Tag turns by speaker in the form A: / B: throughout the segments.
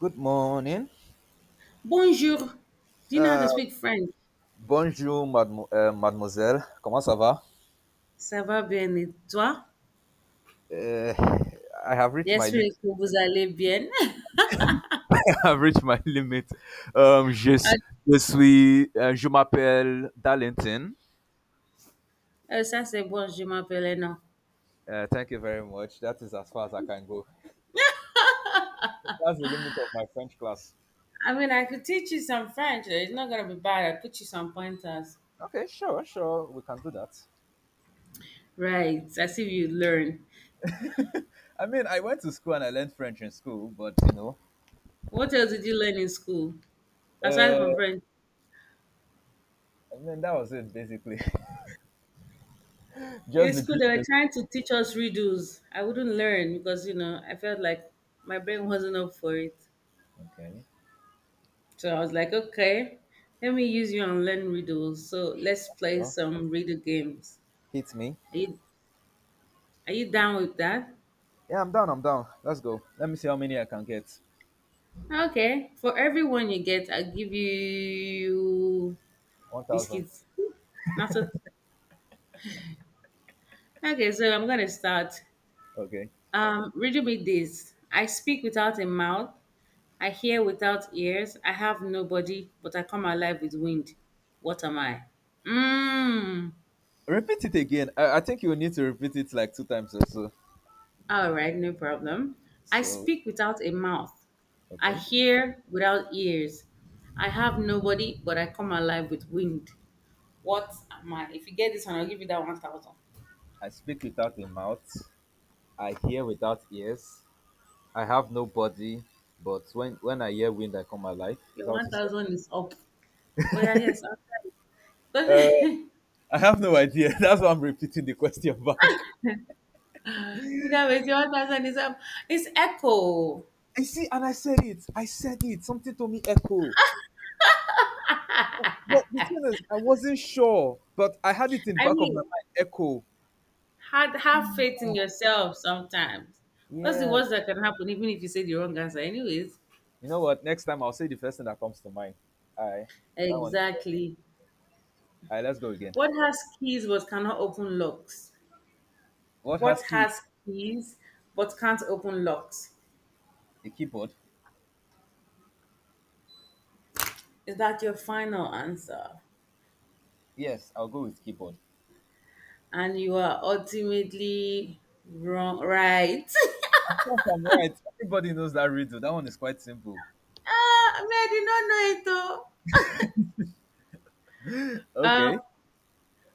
A: Good morning.
B: Bonjour. Do you know how
A: Uh,
B: to speak French?
A: Bonjour, mademoiselle. Comment ça va?
B: Ça va bien et toi?
A: Uh, I have reached my limit.
B: J'espère que vous allez bien.
A: I have reached my limit. Um, je,
B: Ah,
A: s- Je suis. Je m'appelle Darlington.
B: ça c'est bon, je m'appelle Eno.
A: Thank you very much. That is as far as I can go. That's the limit of my French class.
B: I mean, I could teach you some French. It's not gonna be bad. I put you some pointers.
A: Okay, sure, sure, we can do that.
B: Right. As if you learn.
A: I mean, I went to school and I learned French in school, but
B: What else did you learn in school? Aside from
A: uh,
B: French.
A: I mean, that was it basically.
B: In
A: Just the
B: school, they were
A: greetings.
B: trying to teach us riddles. I wouldn't learn because I felt like my brain wasn't up for it.
A: Okay.
B: So I was like, okay, let me use you and learn riddles. So let's play
A: Well,
B: some riddle games.
A: hit me.
B: Are you are you down with that?
A: Yeah, I'm down, I'm down. Let's go, let me see how many I can get.
B: Okay. For everyone you get, I'll give you
A: 1,000.
B: biscuits. After, okay, so I'm gonna start.
A: Okay.
B: Riddle me this. I speak without a mouth, I hear without ears, I have nobody, but I come alive with wind. What am I? Mmm.
A: Repeat it again. I think you will need to repeat it like 2 times or so.
B: All right, no problem. I
A: So,
B: speak without a mouth. I
A: okay.
B: hear without ears. I have nobody, but I come alive with wind. What am I? If you get this one, I'll give you that 1,000.
A: I speak without a mouth. I hear without ears. I have no body, but when I hear wind, I come alive. Is
B: Your
A: that what you said?
B: 1,000 is up. Oh, yeah, yes. Outside.
A: Uh,
B: That
A: I have no idea. That's why I'm repeating the question back.
B: way, your 1,000 is up. It's echo.
A: I see, and I said it. I said it. Something told me echo. But the thing is, I wasn't sure, but I had it in the
B: I
A: back of my
B: mean,
A: mind. Echo.
B: have faith in yourself sometimes. What's the
A: Yeah.
B: worst that can happen, even if you say the wrong answer? Anyways,
A: You know what? Next time I'll say the first thing that comes to mind. All right, that one.
B: exactly.
A: All right, let's go again.
B: What has keys but cannot open locks?
A: What
B: What
A: has keys?
B: has keys but can't open locks?
A: A keyboard?
B: Is that your final answer?
A: Yes, I'll go with keyboard.
B: And you are ultimately wrong, right?
A: Of course I'm right. Everybody knows that riddle. That one is quite simple.
B: Ah, I mean, I did not know it though. Um,
A: Okay.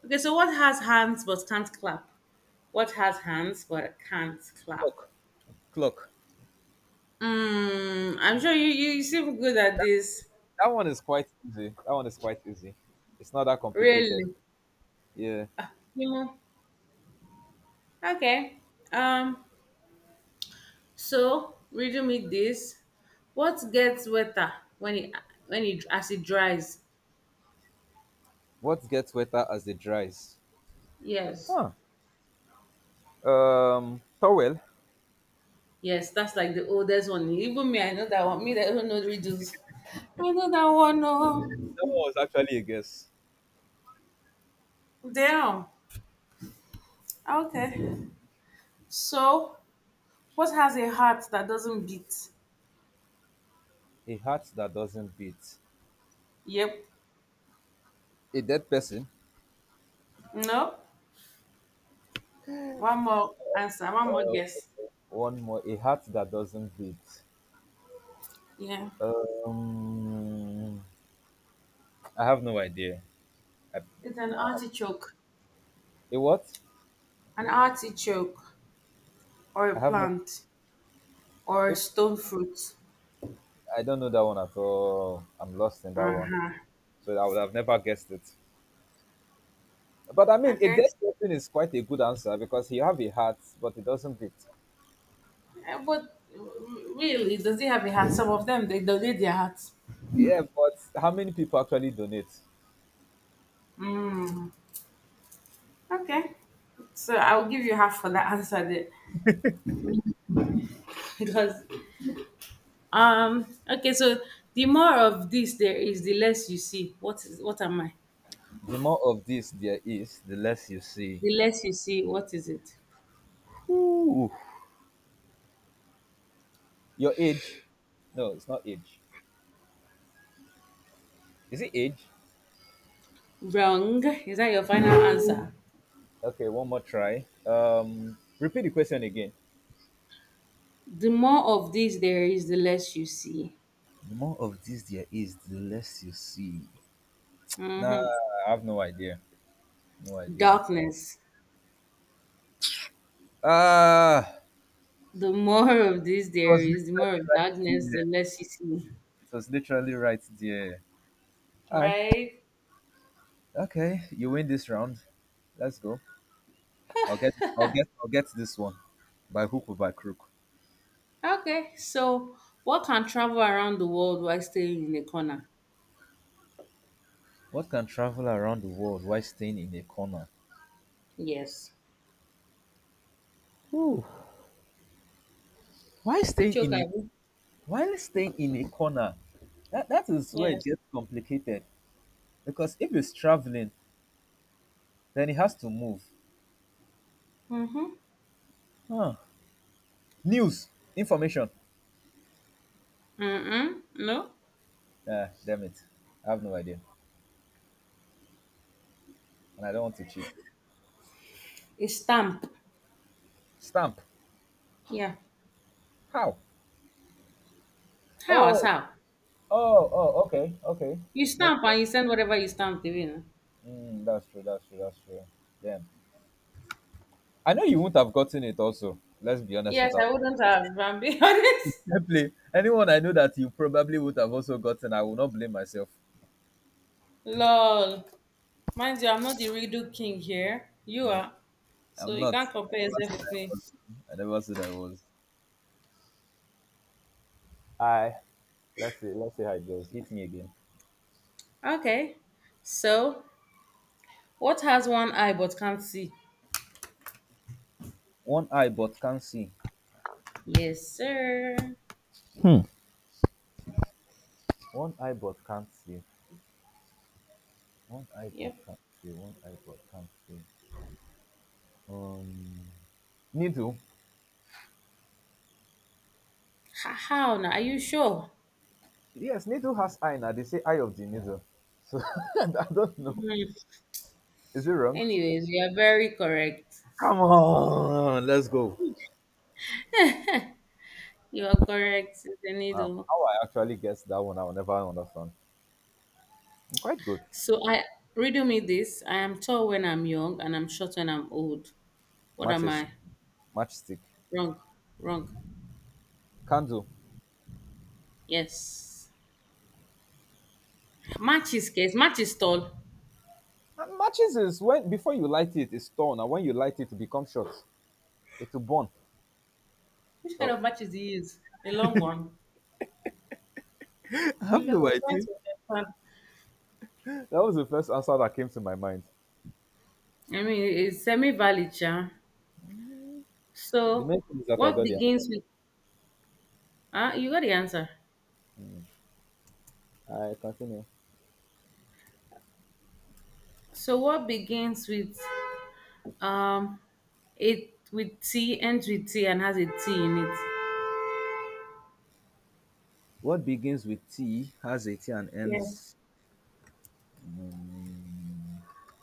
B: okay, so what has hands but can't clap? What has hands but can't clap?
A: Clock. Clock.
B: I'm sure you seem good at this.
A: That one is quite easy. That one is quite easy. It's not that complicated.
B: Really?
A: Yeah.
B: Ah, okay. Um, So, riddle me this. What gets wetter when it when it as it dries?
A: What gets wetter as it dries?
B: Yes.
A: Huh. Towel.
B: Yes, that's like the oldest one. Even me, I know that one. Me, that don't know riddles. I know that one. No.
A: That one was actually a guess.
B: Damn. Okay. So, what has a heart that doesn't beat?
A: A heart that doesn't beat.
B: Yep.
A: A dead person.
B: No. One more answer. One more
A: Uh,
B: guess.
A: one more, a heart that doesn't beat.
B: Yeah.
A: Um, I have no idea. I,
B: It's an
A: I,
B: artichoke.
A: a what?
B: An artichoke or a
A: I have no.
B: plant or a
A: It,
B: stone fruit.
A: I don't know that one at all. I'm lost in that one,
B: Uh-huh.
A: so I would have never guessed it. But I mean, a
B: Okay.
A: dead person is quite a good answer because he have a heart, but it doesn't beat.
B: Eh, but really, does he have a hat? Some of them they donate their hats.
A: Yeah, but how many people actually donate?
B: Mm, okay. So I'll give you half for that answer there. Because okay, so the more of this there is the less you see. What am I?
A: The more of this there is, the less you see.
B: The less you see, what is it?
A: Ooh. Your age? No, it's not age. Is it age?
B: Wrong. Is that your final answer?
A: Okay, one more try. Repeat the question again.
B: The more of this there is, the less you see.
A: The more of this there is, the less you see. Nah,
B: Hmm.
A: I have no idea. No idea.
B: Darkness.
A: Ah,
B: The more of this
A: it
B: there
A: was
B: is, the more
A: literally
B: of
A: right
B: darkness,
A: there.
B: the less you see.
A: It was literally right there. All right.
B: Right?
A: Okay, you win this round. Let's go. I'll get. I'll get. I'll get this one, by hook or by crook.
B: Okay, so what can travel around the world while staying in a corner?
A: What can travel around the world while staying in a corner?
B: Yes.
A: Ooh, why staying
B: Ichoka,
A: in a
B: abi?
A: while staying in a corner? That is where it
B: Yes.
A: gets complicated. Because if he's traveling, then he has to move.
B: Mm-hmm.
A: Huh. News, information.
B: Mm-mm. No?
A: Ah, damn it. I have no idea. And I don't want to cheat.
B: A stamp.
A: Stamp.
B: Yeah.
A: How?
B: How as
A: Oh,
B: how?
A: oh, oh, okay, okay.
B: You
A: Makes
B: stamp
A: sense.
B: and you send whatever you stamp to you.
A: Mm, that's true, that's true, that's true. Damn. I know you wouldn't have gotten it also. Let's be honest
B: Yes,
A: with us.
B: I wouldn't have, if I'm being honest.
A: Definitely. Anyone I know that you probably would have also gotten, I will not blame myself.
B: Lol. Mind you, I'm not the redo king here. You are. So
A: I'm
B: you
A: not.
B: can't
A: I
B: compare
A: never
B: yourself
A: said
B: with
A: I
B: me.
A: was. I never said I was. I. Let's see. Let's see how it goes. Hit me again.
B: Okay. So, what has one eye but can't see?
A: One eye but can't see.
B: Yes, sir.
A: Hmm. One eye but can't see. One eye but
B: Yep.
A: can't see. One eye but can't see. Um, needle.
B: How now? Are you sure?
A: Yes, needle has eye now. They say eye of the needle. So I don't know.
B: Hmm.
A: Is it wrong?
B: Anyways, you are very correct.
A: Come on, let's go.
B: You are correct,
A: Wow.
B: Zenido.
A: How I actually guess that one, I will never understand. I'm quite good.
B: So I riddle me this. I am tall when I'm young and I'm short when I'm old. What am
A: Matches,
B: I?
A: matchstick,
B: Wrong. Wrong.
A: candle.
B: Yes. Matches case. Match is tall.
A: And matches is when before you light it, it's torn, and when you light it, it becomes short. It will burn.
B: Which kind of
A: Oh,
B: matches do you use? A long one.
A: I have
B: Because I'm
A: no
B: trying
A: idea.
B: to understand.
A: That was the first answer that came to my mind.
B: I mean, it's semi-valid, yeah.
A: The
B: So
A: main thing is that I
B: what
A: got the
B: begins with— Ah, you got the answer.
A: I continue.
B: So what begins with— Um, it with T ends with T and has a T in it,
A: What begins with T has a T and
B: yes,
A: ends.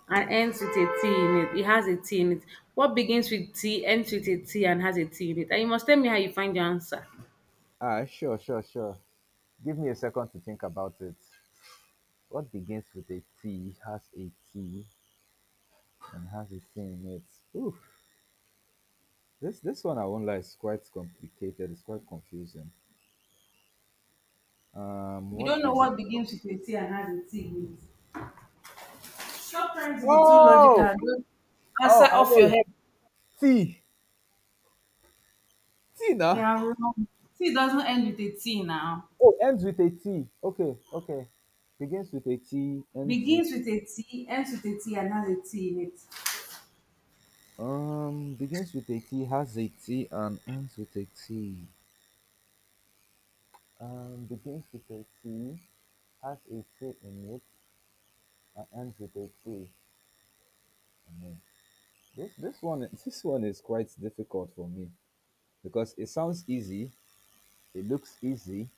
B: and ends with a T in it. It has a T in it. What begins with T ends with a T and has a T in it? And you must tell me how you find your answer.
A: Ah, sure, sure, sure. Give me a second to think about it. What begins with a T has a T and has a T in it. Oof. This one I won't lie is quite complicated. It's quite confusing.
B: You don't
A: What
B: know
A: begins?
B: what begins with a T and has a T in it. Sometimes if you're too logical,
A: Oh,
B: don't answer
A: oh, I
B: off your
A: know.
B: head.
A: T, T, nah.
B: Yeah, wrong. T doesn't end with a T now.
A: Oh, ends with a T. Okay, okay. Begins with a T, ends with
B: Begins with a T, ends with a T, and has a T in it.
A: um, begins with a T, has a T, and ends with a T. Begins with a T, has a T in it, and ends with a T. In it. This one this one is quite difficult for me because it sounds easy, it looks easy,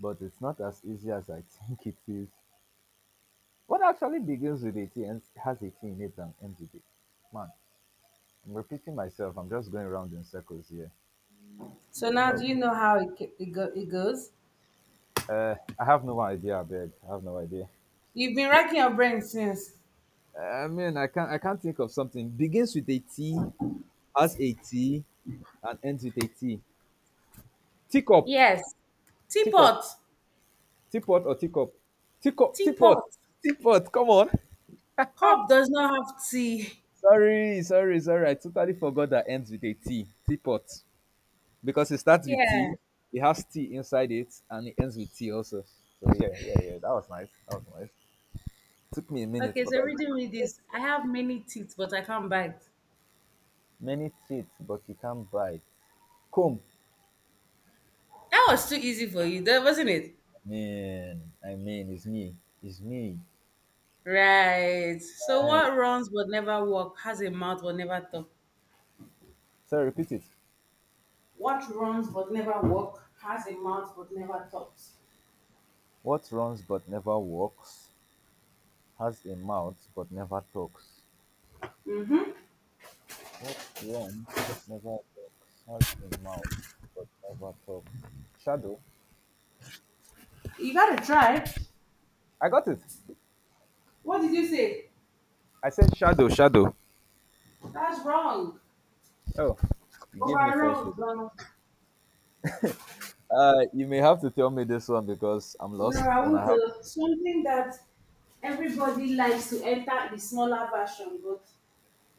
A: but it's not as easy as I think it is. What actually begins with a T and has a T in it and ends with it? Man, I'm repeating myself. I'm just going around in circles here.
B: So now do
A: Oh,
B: you know how it, ca- it, go, it goes?
A: I have no idea, I beg. I have no idea.
B: You've been racking your brain since.
A: I mean, I can't think of something. Begins with a T, has a T, and ends with a T. Teacup,
B: Yes.
A: teacup,
B: Teapot.
A: teapot or teacup, teacup, teapot,
B: Teapot.
A: teapot. Come on.
B: Cup does not have tea.
A: Sorry, sorry, sorry. I totally forgot that ends with a T. Teapot, because it starts with
B: Yeah.
A: T, it has T inside it, and it ends with T also. So yeah, yeah, yeah. That was nice. That was nice. Took me a minute,
B: Okay,
A: but
B: so
A: I
B: reading
A: got
B: me
A: it.
B: this. I have many teeth, but I can't bite.
A: Many teeth, but you can't bite. Comb.
B: That was too easy for you, that wasn't it?
A: Man, I mean, it's me. It's me.
B: Right. So what runs but never walk has a mouth but never talk.
A: So I repeat it.
B: What runs but never walk has a mouth but never talks.
A: What runs but never walks, has a mouth but never talks.
B: Mm-hmm.
A: What runs but never walks, has a mouth but never talks. Shadow.
B: You gotta try.
A: I got it.
B: What did you say?
A: I said shadow, shadow.
B: That's wrong.
A: Oh, you gave me false hope.
B: Overruled.
A: You may have to tell me this one because I'm
B: No,
A: lost
B: I
A: and I
B: want
A: have.
B: to something that everybody likes to enter the smaller version, but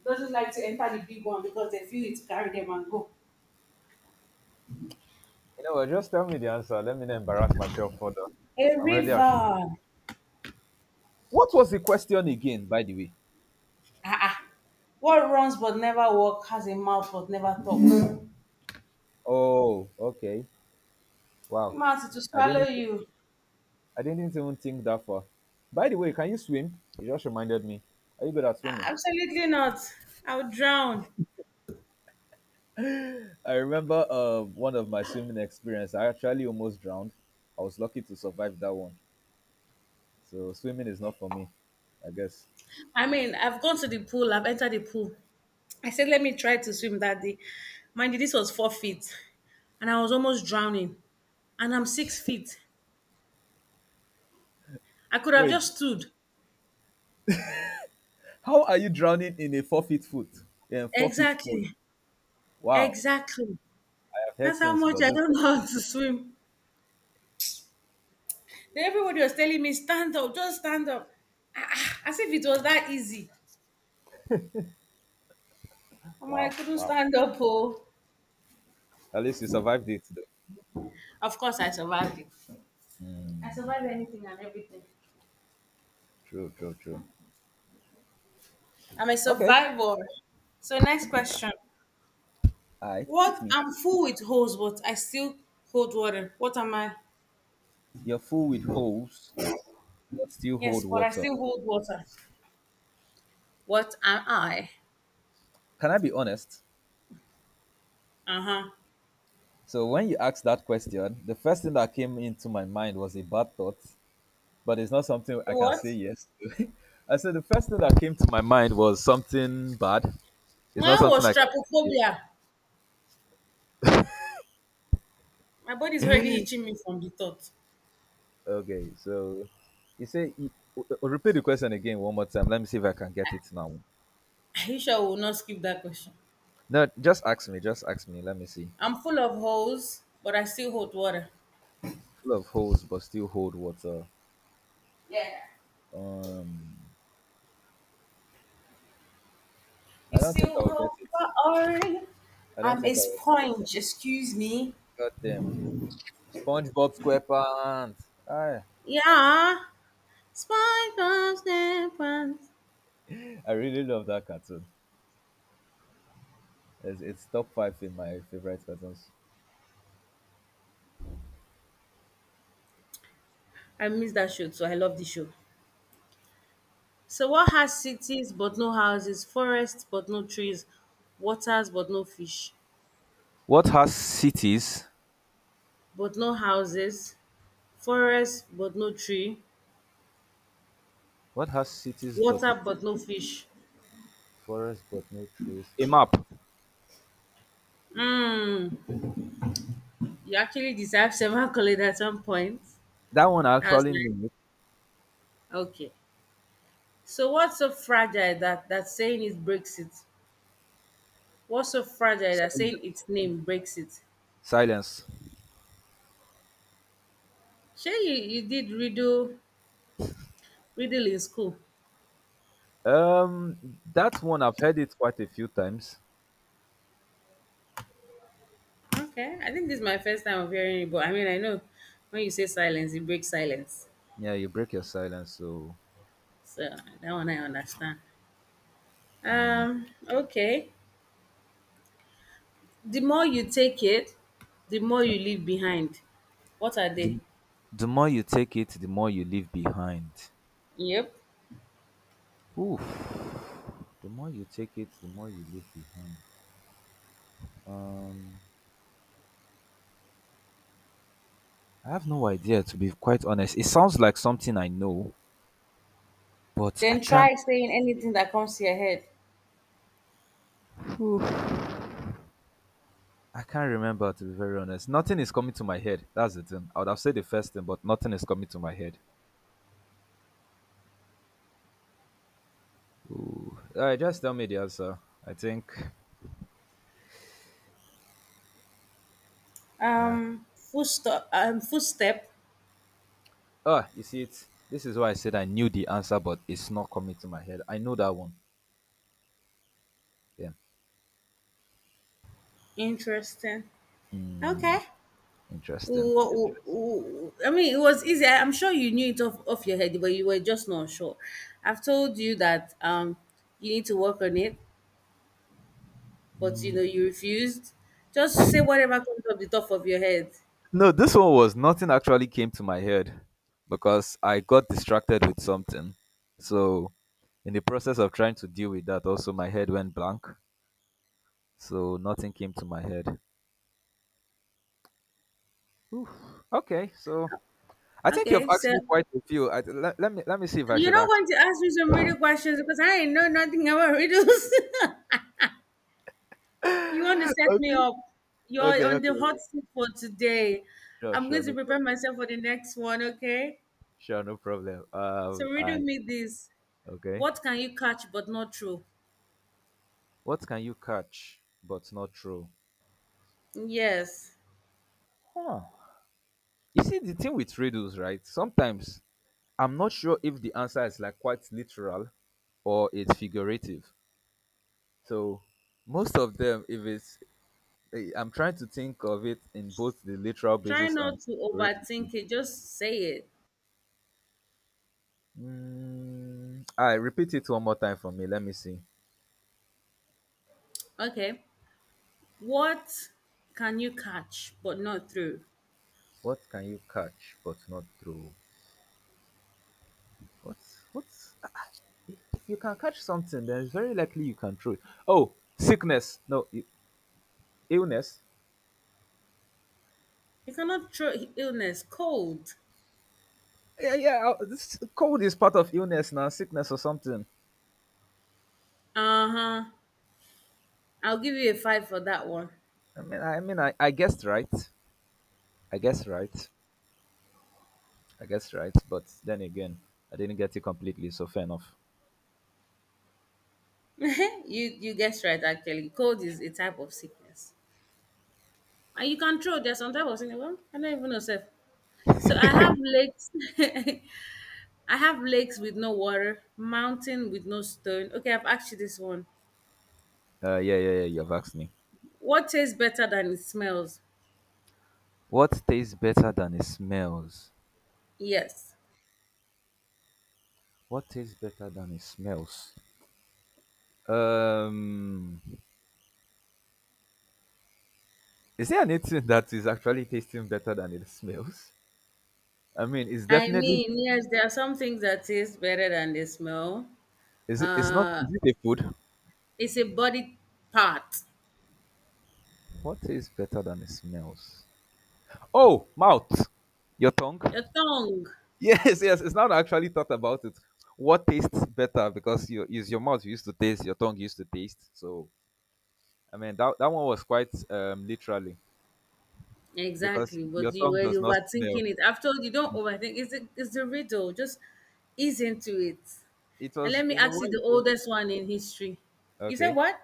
B: doesn't like to enter the big one because they feel it carry them and go.
A: You know what? Just tell me the answer. Let me not embarrass myself further.
B: A
A: I'm ready. I'll
B: river.
A: What was the question again, by the way?
B: Ah, ah. What runs but never walks has a mouth but never talks.
A: Oh, okay.
B: The
A: Wow.
B: mouth is to
A: I
B: swallow
A: didn't.
B: you.
A: I didn't even think that far. By the way, can you swim? You just reminded me. Are you good at swimming?
B: Absolutely not. I'll drown.
A: I remember one of my swimming experience. I actually almost drowned. I was lucky to survive that one. So swimming is not for me, I guess.
B: I mean, I've gone to the pool. I've entered the pool. I said, let me try to swim that day. Mind you, this was 4 feet, and I was almost drowning. And I'm 6 feet. I could have
A: Wait,
B: just stood.
A: how are you drowning in a 4 feet foot, in 4 feet pool?
B: Exactly.
A: Wow,
B: Exactly.
A: I have
B: That's
A: heard
B: how
A: things,
B: much
A: but
B: I
A: this
B: don't
A: one,
B: know how to swim. Then everybody was telling me, stand up, just stand up. Ah, ah, as if it was that easy. I'm like, I
A: wow,
B: couldn't
A: wow.
B: stand up. Oh.
A: At least you survived it, though.
B: Of course, I survived it. I survived anything and everything.
A: True, true, true.
B: I'm a
A: Okay,
B: survivor. So, next question.
A: all right, hit
B: What?
A: me.
B: I'm full with hose, but I still hold water. What am I?
A: You're full with holes, but still hold
B: Yes, but I
A: water.
B: still hold water. What am I?
A: Can I be honest?
B: Uh huh.
A: So when you asked that question, the first thing that came into my mind was a bad thought, but it's not something I can
B: What?
A: say yes to. I said the first thing that came to my mind was something bad. It's not
B: Mine
A: something
B: was
A: I can say yes.
B: trypophobia. My body's already itching me from the thought.
A: Okay, so you say you- w- w- repeat the question again one more time. Let me see if I can get it now.
B: Are you sure I will not skip that question?
A: No, just ask me. Just ask me. Let me see.
B: I'm full of holes, but I still hold water.
A: Full of holes, but still hold water.
B: Yeah.
A: Um, I
B: You
A: don't think
B: still
A: I will
B: hold.
A: get it.
B: Oh,
A: I don't
B: I'm a
A: think I will get it.
B: sponge, excuse me.
A: God damn. SpongeBob SquarePants. Aye.
B: Yeah. SpongeBob SquarePants.
A: I really love that cartoon. It's top 5 in my favorite cartoons.
B: I miss that show. So I love the show. So what has cities but no houses, forests but no trees, waters but no fish,
A: What has cities?
B: but no houses, forests but no tree,
A: What has cities but
B: water but no fish.
A: forest but no trees? A map.
B: Hmm. You actually deserve several accolades at some point.
A: That one I
B: That was
A: actually
B: nice.
A: knew.
B: Okay. So what's so fragile that saying it breaks it? What's so fragile that saying
A: Silence.
B: its name breaks it?
A: Silence.
B: Sure, you did riddle in school.
A: That one I've heard it quite a few times.
B: Okay. I think this is my first time of hearing it, but I mean I know when you say silence, it breaks silence.
A: Yeah, you break your silence. So
B: So that one I understand. Okay. The more you take it, the more
A: yeah.
B: you leave behind. What are they?
A: the, the more you take it, the more you leave behind.
B: Yep.
A: Oof. The more you take it, the more you leave behind. Um, I have no idea to be quite honest. It sounds like something I know, but I
B: Then
A: can't
B: try saying anything that comes to your head.
A: prove. I can't remember to be very honest. Nothing is coming to my head. That's the thing. I would have said the first thing, but nothing is coming to my head. Ooh. All right, just tell me the answer. I think. Uh,
B: Footstep. Footstep.
A: oh, you see it. This is why I said I knew the answer, but it's not coming to my head. I know that one. Yeah.
B: Interesting. Okay.
A: Mm, interesting.
B: I mean, it was easy. I'm sure you knew it off your head, but you were just not sure. I've told you that you need to work on it, but you know you refused. Just say whatever comes off the top of your head.
A: No, this one was nothing actually came to my head because I got distracted with something. So, in the process of trying to deal with that, also my head went blank. So nothing came to my head. Oof. Okay, so I think you've
B: Okay,
A: asked
B: so
A: me quite a few. I, let, let me see if I
B: you're
A: should
B: not
A: ask.
B: going to ask me some riddle questions because I ain't know nothing about riddles. You want to set me
A: okay,
B: up? You're
A: okay,
B: on
A: okay.
B: the hot seat for today.
A: Sure,
B: I'm
A: sure,
B: going to
A: no
B: prepare
A: problem.
B: myself for the next one, okay?
A: Sure, no problem.
B: So, riddle
A: I
B: me this.
A: okay.
B: What can you catch but not throw?
A: What can you catch but not throw?
B: Yes.
A: Huh. You see the thing with riddles, right? Sometimes I'm not sure if the answer is like quite literal or it's figurative. So most of them, if it's, eh, I'm trying to think of it in both the literal
B: Try
A: basis and
B: not to
A: figurative.
B: overthink it, just say it.
A: I repeat it one more time for me. Let me see.
B: Okay. What can you catch but not throw?
A: What can you catch but not throw? What? What? If you can catch something, then it's very likely you can throw it. Oh, sickness. No, illness.
B: You cannot throw illness, cold.
A: Yeah, yeah, this cold is part of illness now. Sickness or something.
B: Uh huh. I'll give you a five for that one.
A: I guessed right. I guess right. I guess right. But then again, I didn't get it completely. So fair enough.
B: you guessed right, actually. Cold is a type of sickness. And you can throw. There's some type of thing. Well, I don't even know self. So I have lakes. I have lakes with no water, mountain with no stone. Okay, I've asked you this one.
A: Yeah, yeah, yeah. You've asked me.
B: What tastes better than it smells?
A: What tastes better than it smells?
B: Yes.
A: What tastes better than it smells? Um, is there anything that is actually tasting better than it smells? I mean, it's
B: I
A: definitely
B: mean, yes, there are some things that taste better than they smell.
A: is it? It's not.
B: Uh,
A: Is it a food?
B: it's a body part.
A: What tastes better than it smells? Oh, mouth, your tongue.
B: Your tongue.
A: Yes, yes. It's not actually thought about it. What tastes better because you is your mouth used to taste, your tongue used to taste. So I mean that that one was quite literally because
B: Exactly,
A: your
B: but you were
A: tongue does not smell.
B: overthinking it. I've told you, don't overthink. It's a riddle. Just ease into it.
A: It
B: And
A: was
B: let me
A: you know
B: ask you
A: when you
B: the
A: came in.
B: oldest one in history. You said
A: Okay.
B: what?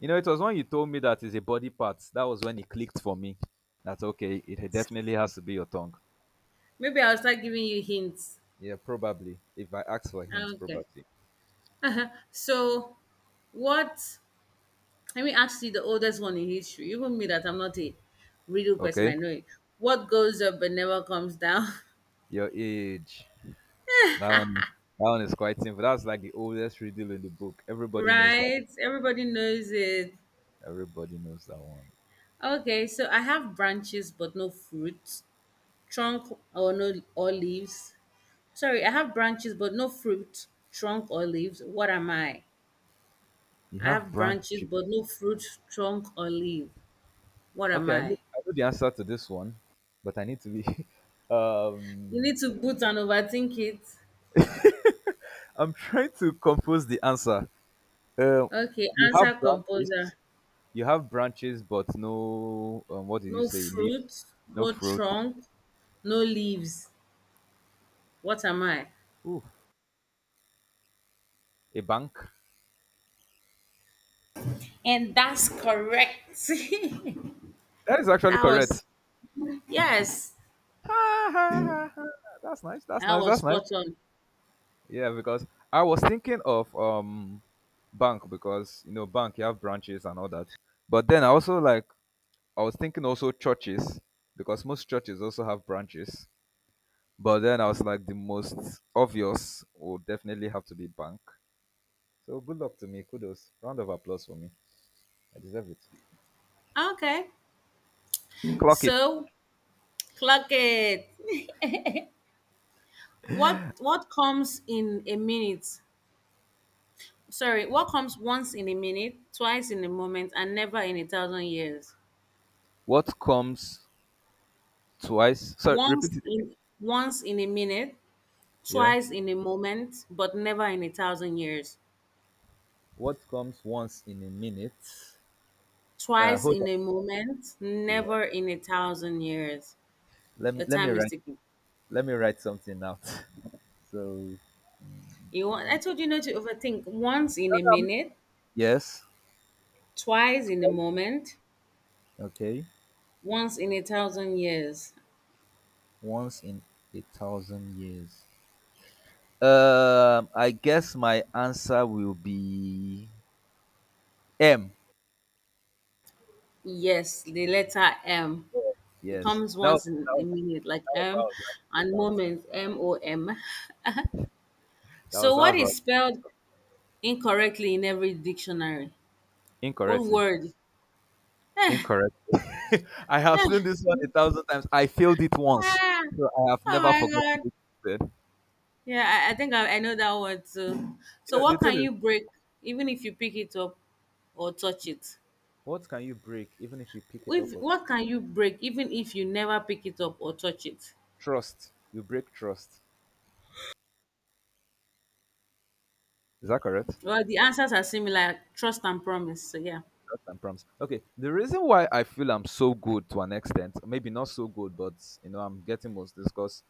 A: You know, it was when you told me that is a body part. That was when it clicked for me. That's okay. It definitely has to be your tongue.
B: Maybe I'll start giving you hints.
A: Yeah, probably. If I ask for hints,
B: Okay.
A: probably.
B: So, what? Let me ask you the oldest one in history. Even me, that I'm not a riddle person,
A: Okay.
B: I know it. What goes up but never comes down?
A: Your age. That one. That one is quite simple. That's like the oldest riddle in the book. Everybody knows that.
B: Right? Everybody knows it.
A: Everybody knows that one.
B: Okay, so I have branches but no fruit, trunk or no or leaves. Sorry, I have branches but no fruit, trunk or leaves. What am I?
A: You
B: I
A: have
B: have branches,
A: branches.
B: but no fruit, trunk, or leaf. What am
A: Okay,
B: I?
A: I know the answer to this one, but I need to be.
B: You
A: um,
B: need to put and overthink it.
A: I'm trying to compose the answer. Uh,
B: Okay,
A: you have
B: answer composer.
A: branches. You have branches, but no, what did you
B: No
A: say? Leaves,
B: fruit,
A: no
B: no
A: fruit.
B: trunk, no leaves. What am I?
A: Ooh, a bank.
B: And that's correct.
A: That is actually
B: That was,
A: correct.
B: yes,
A: That's nice. That's
B: that
A: nice.
B: was
A: That's nice.
B: spot on.
A: Yeah, because I was thinking of bank because you know bank you have branches and all that. But then I also like I was thinking also churches because most churches also have branches. But then I was like the most obvious would definitely have to be bank. So good luck to me. Kudos. Round of applause for me. I deserve it.
B: Okay,
A: Clock it.
B: so clock it. What comes in a minute? Sorry, what comes once in a minute, twice in a moment, and never in a thousand years?
A: What comes twice? Sorry, repeat
B: Once
A: it again.
B: in once in a minute,
A: Yeah.
B: twice in a moment, but never in a thousand years.
A: What comes once in a minute?
B: Twice
A: Hold on.
B: in a moment,
A: Yeah.
B: never in a thousand years.
A: Let
B: Your
A: me let me
B: time is
A: write
B: ticking.
A: let me write something out. So no,
B: You want I told you not to overthink. Once in
A: no.
B: a minute,
A: Yes.
B: twice in a moment,
A: Okay.
B: once in a thousand years.
A: Once in a thousand years. I guess my answer will be M.
B: Yes, the letter M. It
A: Yes.
B: comes
A: That was
B: once in
A: that
B: a
A: was
B: minute, like
A: that was how I
B: M,
A: was writing
B: and
A: it out.
B: moment, MOM.
A: That
B: So,
A: was that
B: what
A: was
B: is
A: right.
B: spelled incorrectly in every dictionary? What
A: Incorrectly.
B: word?
A: Incorrect. I have seen this one a thousand times. I failed it once,
B: Ah,
A: so I have
B: oh
A: never
B: my
A: forgotten
B: god.
A: it.
B: Yeah, I think I know that one too.
A: You
B: So
A: know, the
B: what
A: thing
B: can
A: is,
B: you break even if you pick it up or touch it?
A: what can you break even if you pick it up?
B: If,
A: With?
B: what can you break even if you never pick it up or touch it?
A: Trust. You break trust. Is that correct?
B: Well, the answers are similar, trust and promise. So yeah.
A: Trust and promise. Okay. The reason why I feel I'm so good to an extent, maybe not so good, but you know, I'm getting most this because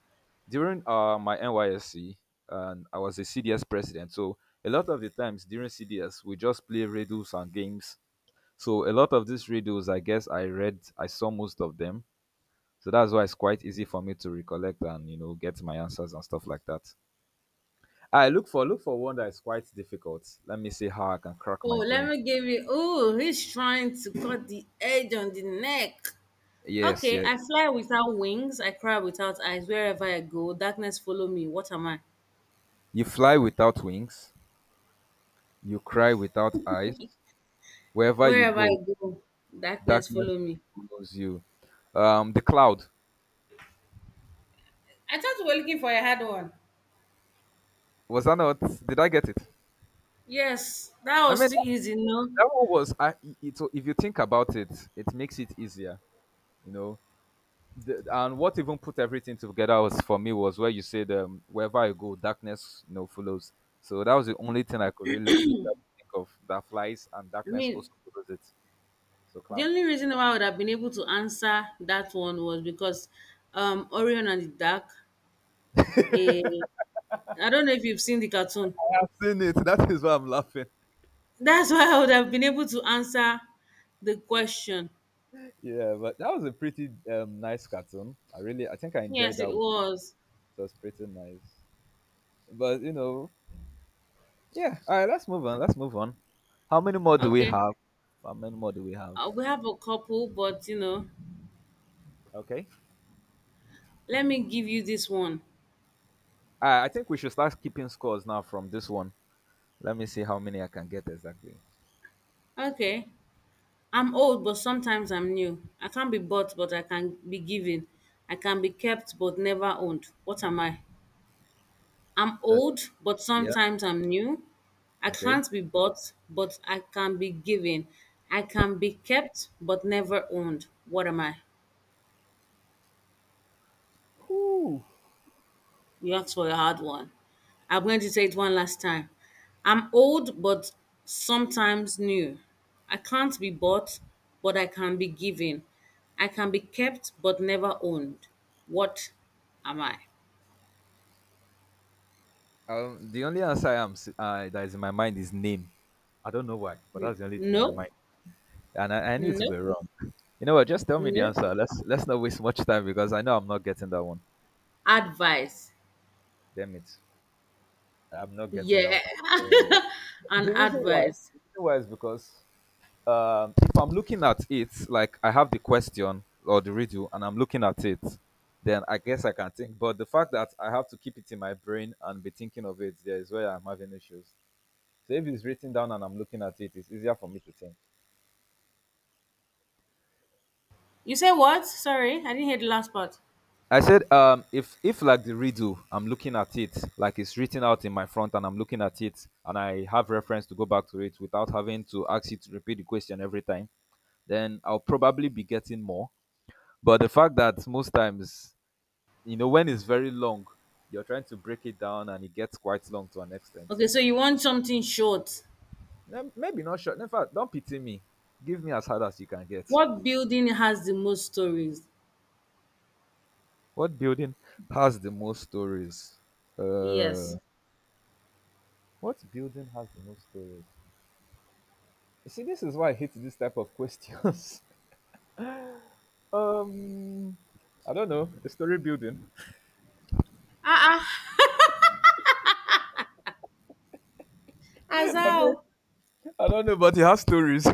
A: during my NYSC, and I was a CDS president, so a lot of the times during CDS, we just play riddles and games. So a lot of these riddles, I guess I read, I saw most of them. So that's why it's quite easy for me to recollect and you know get my answers and stuff like that. I look for look for one that is quite difficult. Let me see how I can crack
B: Oh,
A: my
B: let
A: brain.
B: me give you. Oh, he's trying to cut the edge on the neck.
A: Yes,
B: Okay,
A: yes.
B: I fly without wings. I cry without eyes. Wherever I go, darkness follow me. What am I?
A: You fly without wings. You cry without eyes. Wherever you
B: Wherever I
A: go,
B: go, darkness
A: darkness
B: follow me.
A: follows you. The cloud.
B: I thought we were looking for a hard one.
A: Was that not? Did I get it?
B: Yes, that
A: I
B: was
A: mean,
B: too
A: that,
B: easy, no?
A: that one was. I. It, so if you think about it, it makes it easier. You know, the, and what even put everything together was for me was where you said wherever I go, darkness you know follows. So that was the only thing I could really, really think of that flies and
B: I
A: darkness
B: mean,
A: also follows it. So
B: the
A: cloud.
B: only reason why I would have been able to answer that one was because Orion and the Dark, Eh, I don't know if you've seen the cartoon.
A: I have seen it. That is why I'm laughing.
B: That's why I would have been able to answer the question.
A: Yeah, but that was a pretty nice cartoon. I really, I think I enjoyed
B: Yes, it
A: that. One.
B: was.
A: It was pretty nice. But you know, yeah. All right, let's move on. Let's move on. How many more do we
B: Okay.
A: have? How many more do we have?
B: We have a couple, but you know,
A: Okay.
B: let me give you this one.
A: I think we should start keeping scores now from this one. Let me see how many I can get exactly.
B: Okay. I'm old, but sometimes I'm new. I can't be bought, but I can be given. I can be kept, but never owned. What am I? I'm
A: Uh,
B: old, but
A: yeah.
B: sometimes I'm new. I
A: Okay.
B: can't be bought, but I can be given. I can be kept, but never owned. What am I?
A: Ooh.
B: You asked for a hard one. I'm going to take it one last time. I'm old, but sometimes new. I can't be bought, but I can be given. I can be kept, but never owned. What am I?
A: The only answer that is in my mind is name. I don't know why, but that's the only thing in my
B: No,
A: mind, and I knew to
B: no,
A: be wrong. You know what? Just tell me the
B: no.
A: answer. Let's not waste much time because I know I'm not getting that one.
B: Advice.
A: Damn it! I'm not getting that
B: Yeah,
A: one at all.
B: an
A: The reason why,
B: advice.
A: the reason why is because if I'm looking at it, like I have the question or the riddle and I'm looking at it, then I guess I can think. But the fact that I have to keep it in my brain and be thinking of it, there is where I'm having issues. So if it's written down and I'm looking at it, it's easier for me to think.
B: You say what? Sorry, I didn't hear the last part.
A: I said, if like the riddle, I'm looking at it, like it's written out in my front, and I'm looking at it, and I have reference to go back to it without having to ask you to repeat the question every time, then I'll probably be getting more. But the fact that most times you know when it's very long you're trying to break it down and it gets quite long to an extent.
B: Okay, so you want something short.
A: Then maybe not short. In fact don't pity me, give me as hard as you can get.
B: What building has the most stories?
A: What building has the most stories?
B: Yes.
A: uh what building has the most stories? You see this is why I hate this type of questions. um I don't know, a story building.
B: Ah, ah, as
A: I mean,
B: how
A: I don't know, but it has stories.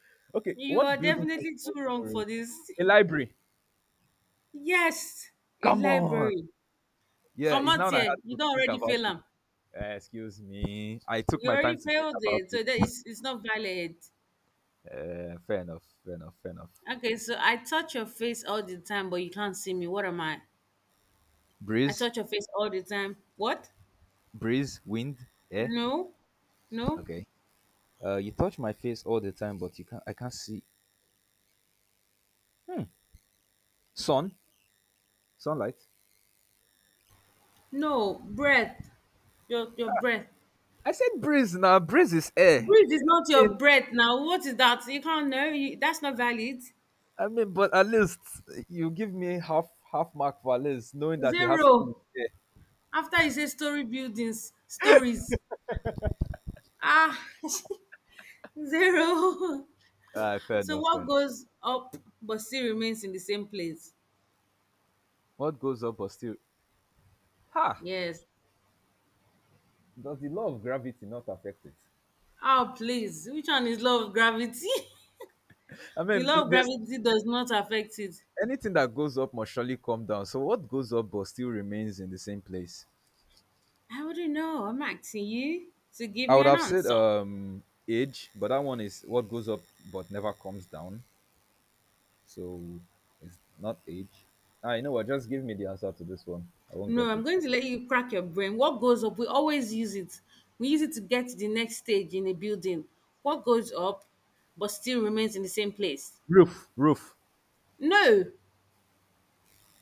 A: Okay,
B: you are
A: what building has
B: definitely
A: the
B: too
A: most
B: wrong for
A: stories?
B: this.
A: A library.
B: Yes, a
A: Come on.
B: library.
A: Yeah,
B: Come
A: it's
B: out
A: now that I
B: here.
A: had
B: You
A: to
B: don't
A: think
B: already
A: about
B: fail
A: it.
B: am.
A: Excuse me. I took
B: You
A: my time
B: already
A: to think
B: failed
A: about
B: it.
A: it.
B: So that is it's not valid.
A: Fair enough. Fair enough. Fair enough.
B: Okay, so I touch your face all the time, but you can't see me. What am I? I
A: Breeze,
B: touch your face all the time. What?
A: breeze, wind. Yeah.
B: No, no,
A: Okay. You touch my face all the time, but you can't. I can't see. Hmm. Sun, sunlight.
B: no. Breath. Your breath.
A: I said breeze. Now breeze is air.
B: Breathe is not your
A: Mean,
B: breath now. What is that? You can't know. You, that's not valid.
A: but at least you give me half mark for at least knowing that it has to do with
B: Zero.
A: air.
B: After you say story buildings, stories. Ah, zero.
A: Ah, fair
B: So
A: enough. Fair
B: what
A: enough.
B: goes up but still remains in the same place?
A: What goes up but still? Ha!
B: Yes.
A: Does the law of gravity not affect it?
B: Oh, please. Which one is law of gravity?
A: I
B: The
A: mean,
B: law of
A: there's
B: gravity does not affect it.
A: anything that goes up must surely come down. So what goes up but still remains in the same place?
B: I wouldn't know. I'm asking you to give
A: I
B: me
A: would
B: an
A: have said
B: answer.
A: age, but that one is what goes up but never comes down. So it's not age. Ah, you know what? Just give me the answer to this one. I won't
B: No,
A: get
B: I'm
A: it.
B: going to let you crack your brain. What goes up? We always use it. We use it to get to the next stage in a building. What goes up but still remains in the same place?
A: Roof, roof.
B: No,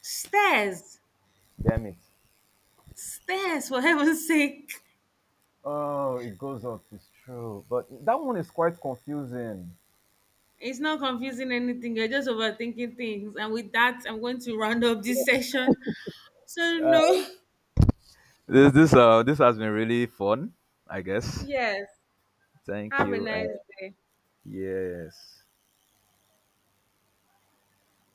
B: stairs.
A: Damn it.
B: Stairs, for heaven's sake.
A: Oh, it goes up. It's true. But that one is quite confusing.
B: It's not confusing anything. You're just overthinking things. And with that, I'm going to round up this session. So, no,
A: This this has been really fun. I guess.
B: yes.
A: Thank
B: Have a
A: you.
B: nice day.
A: Yes.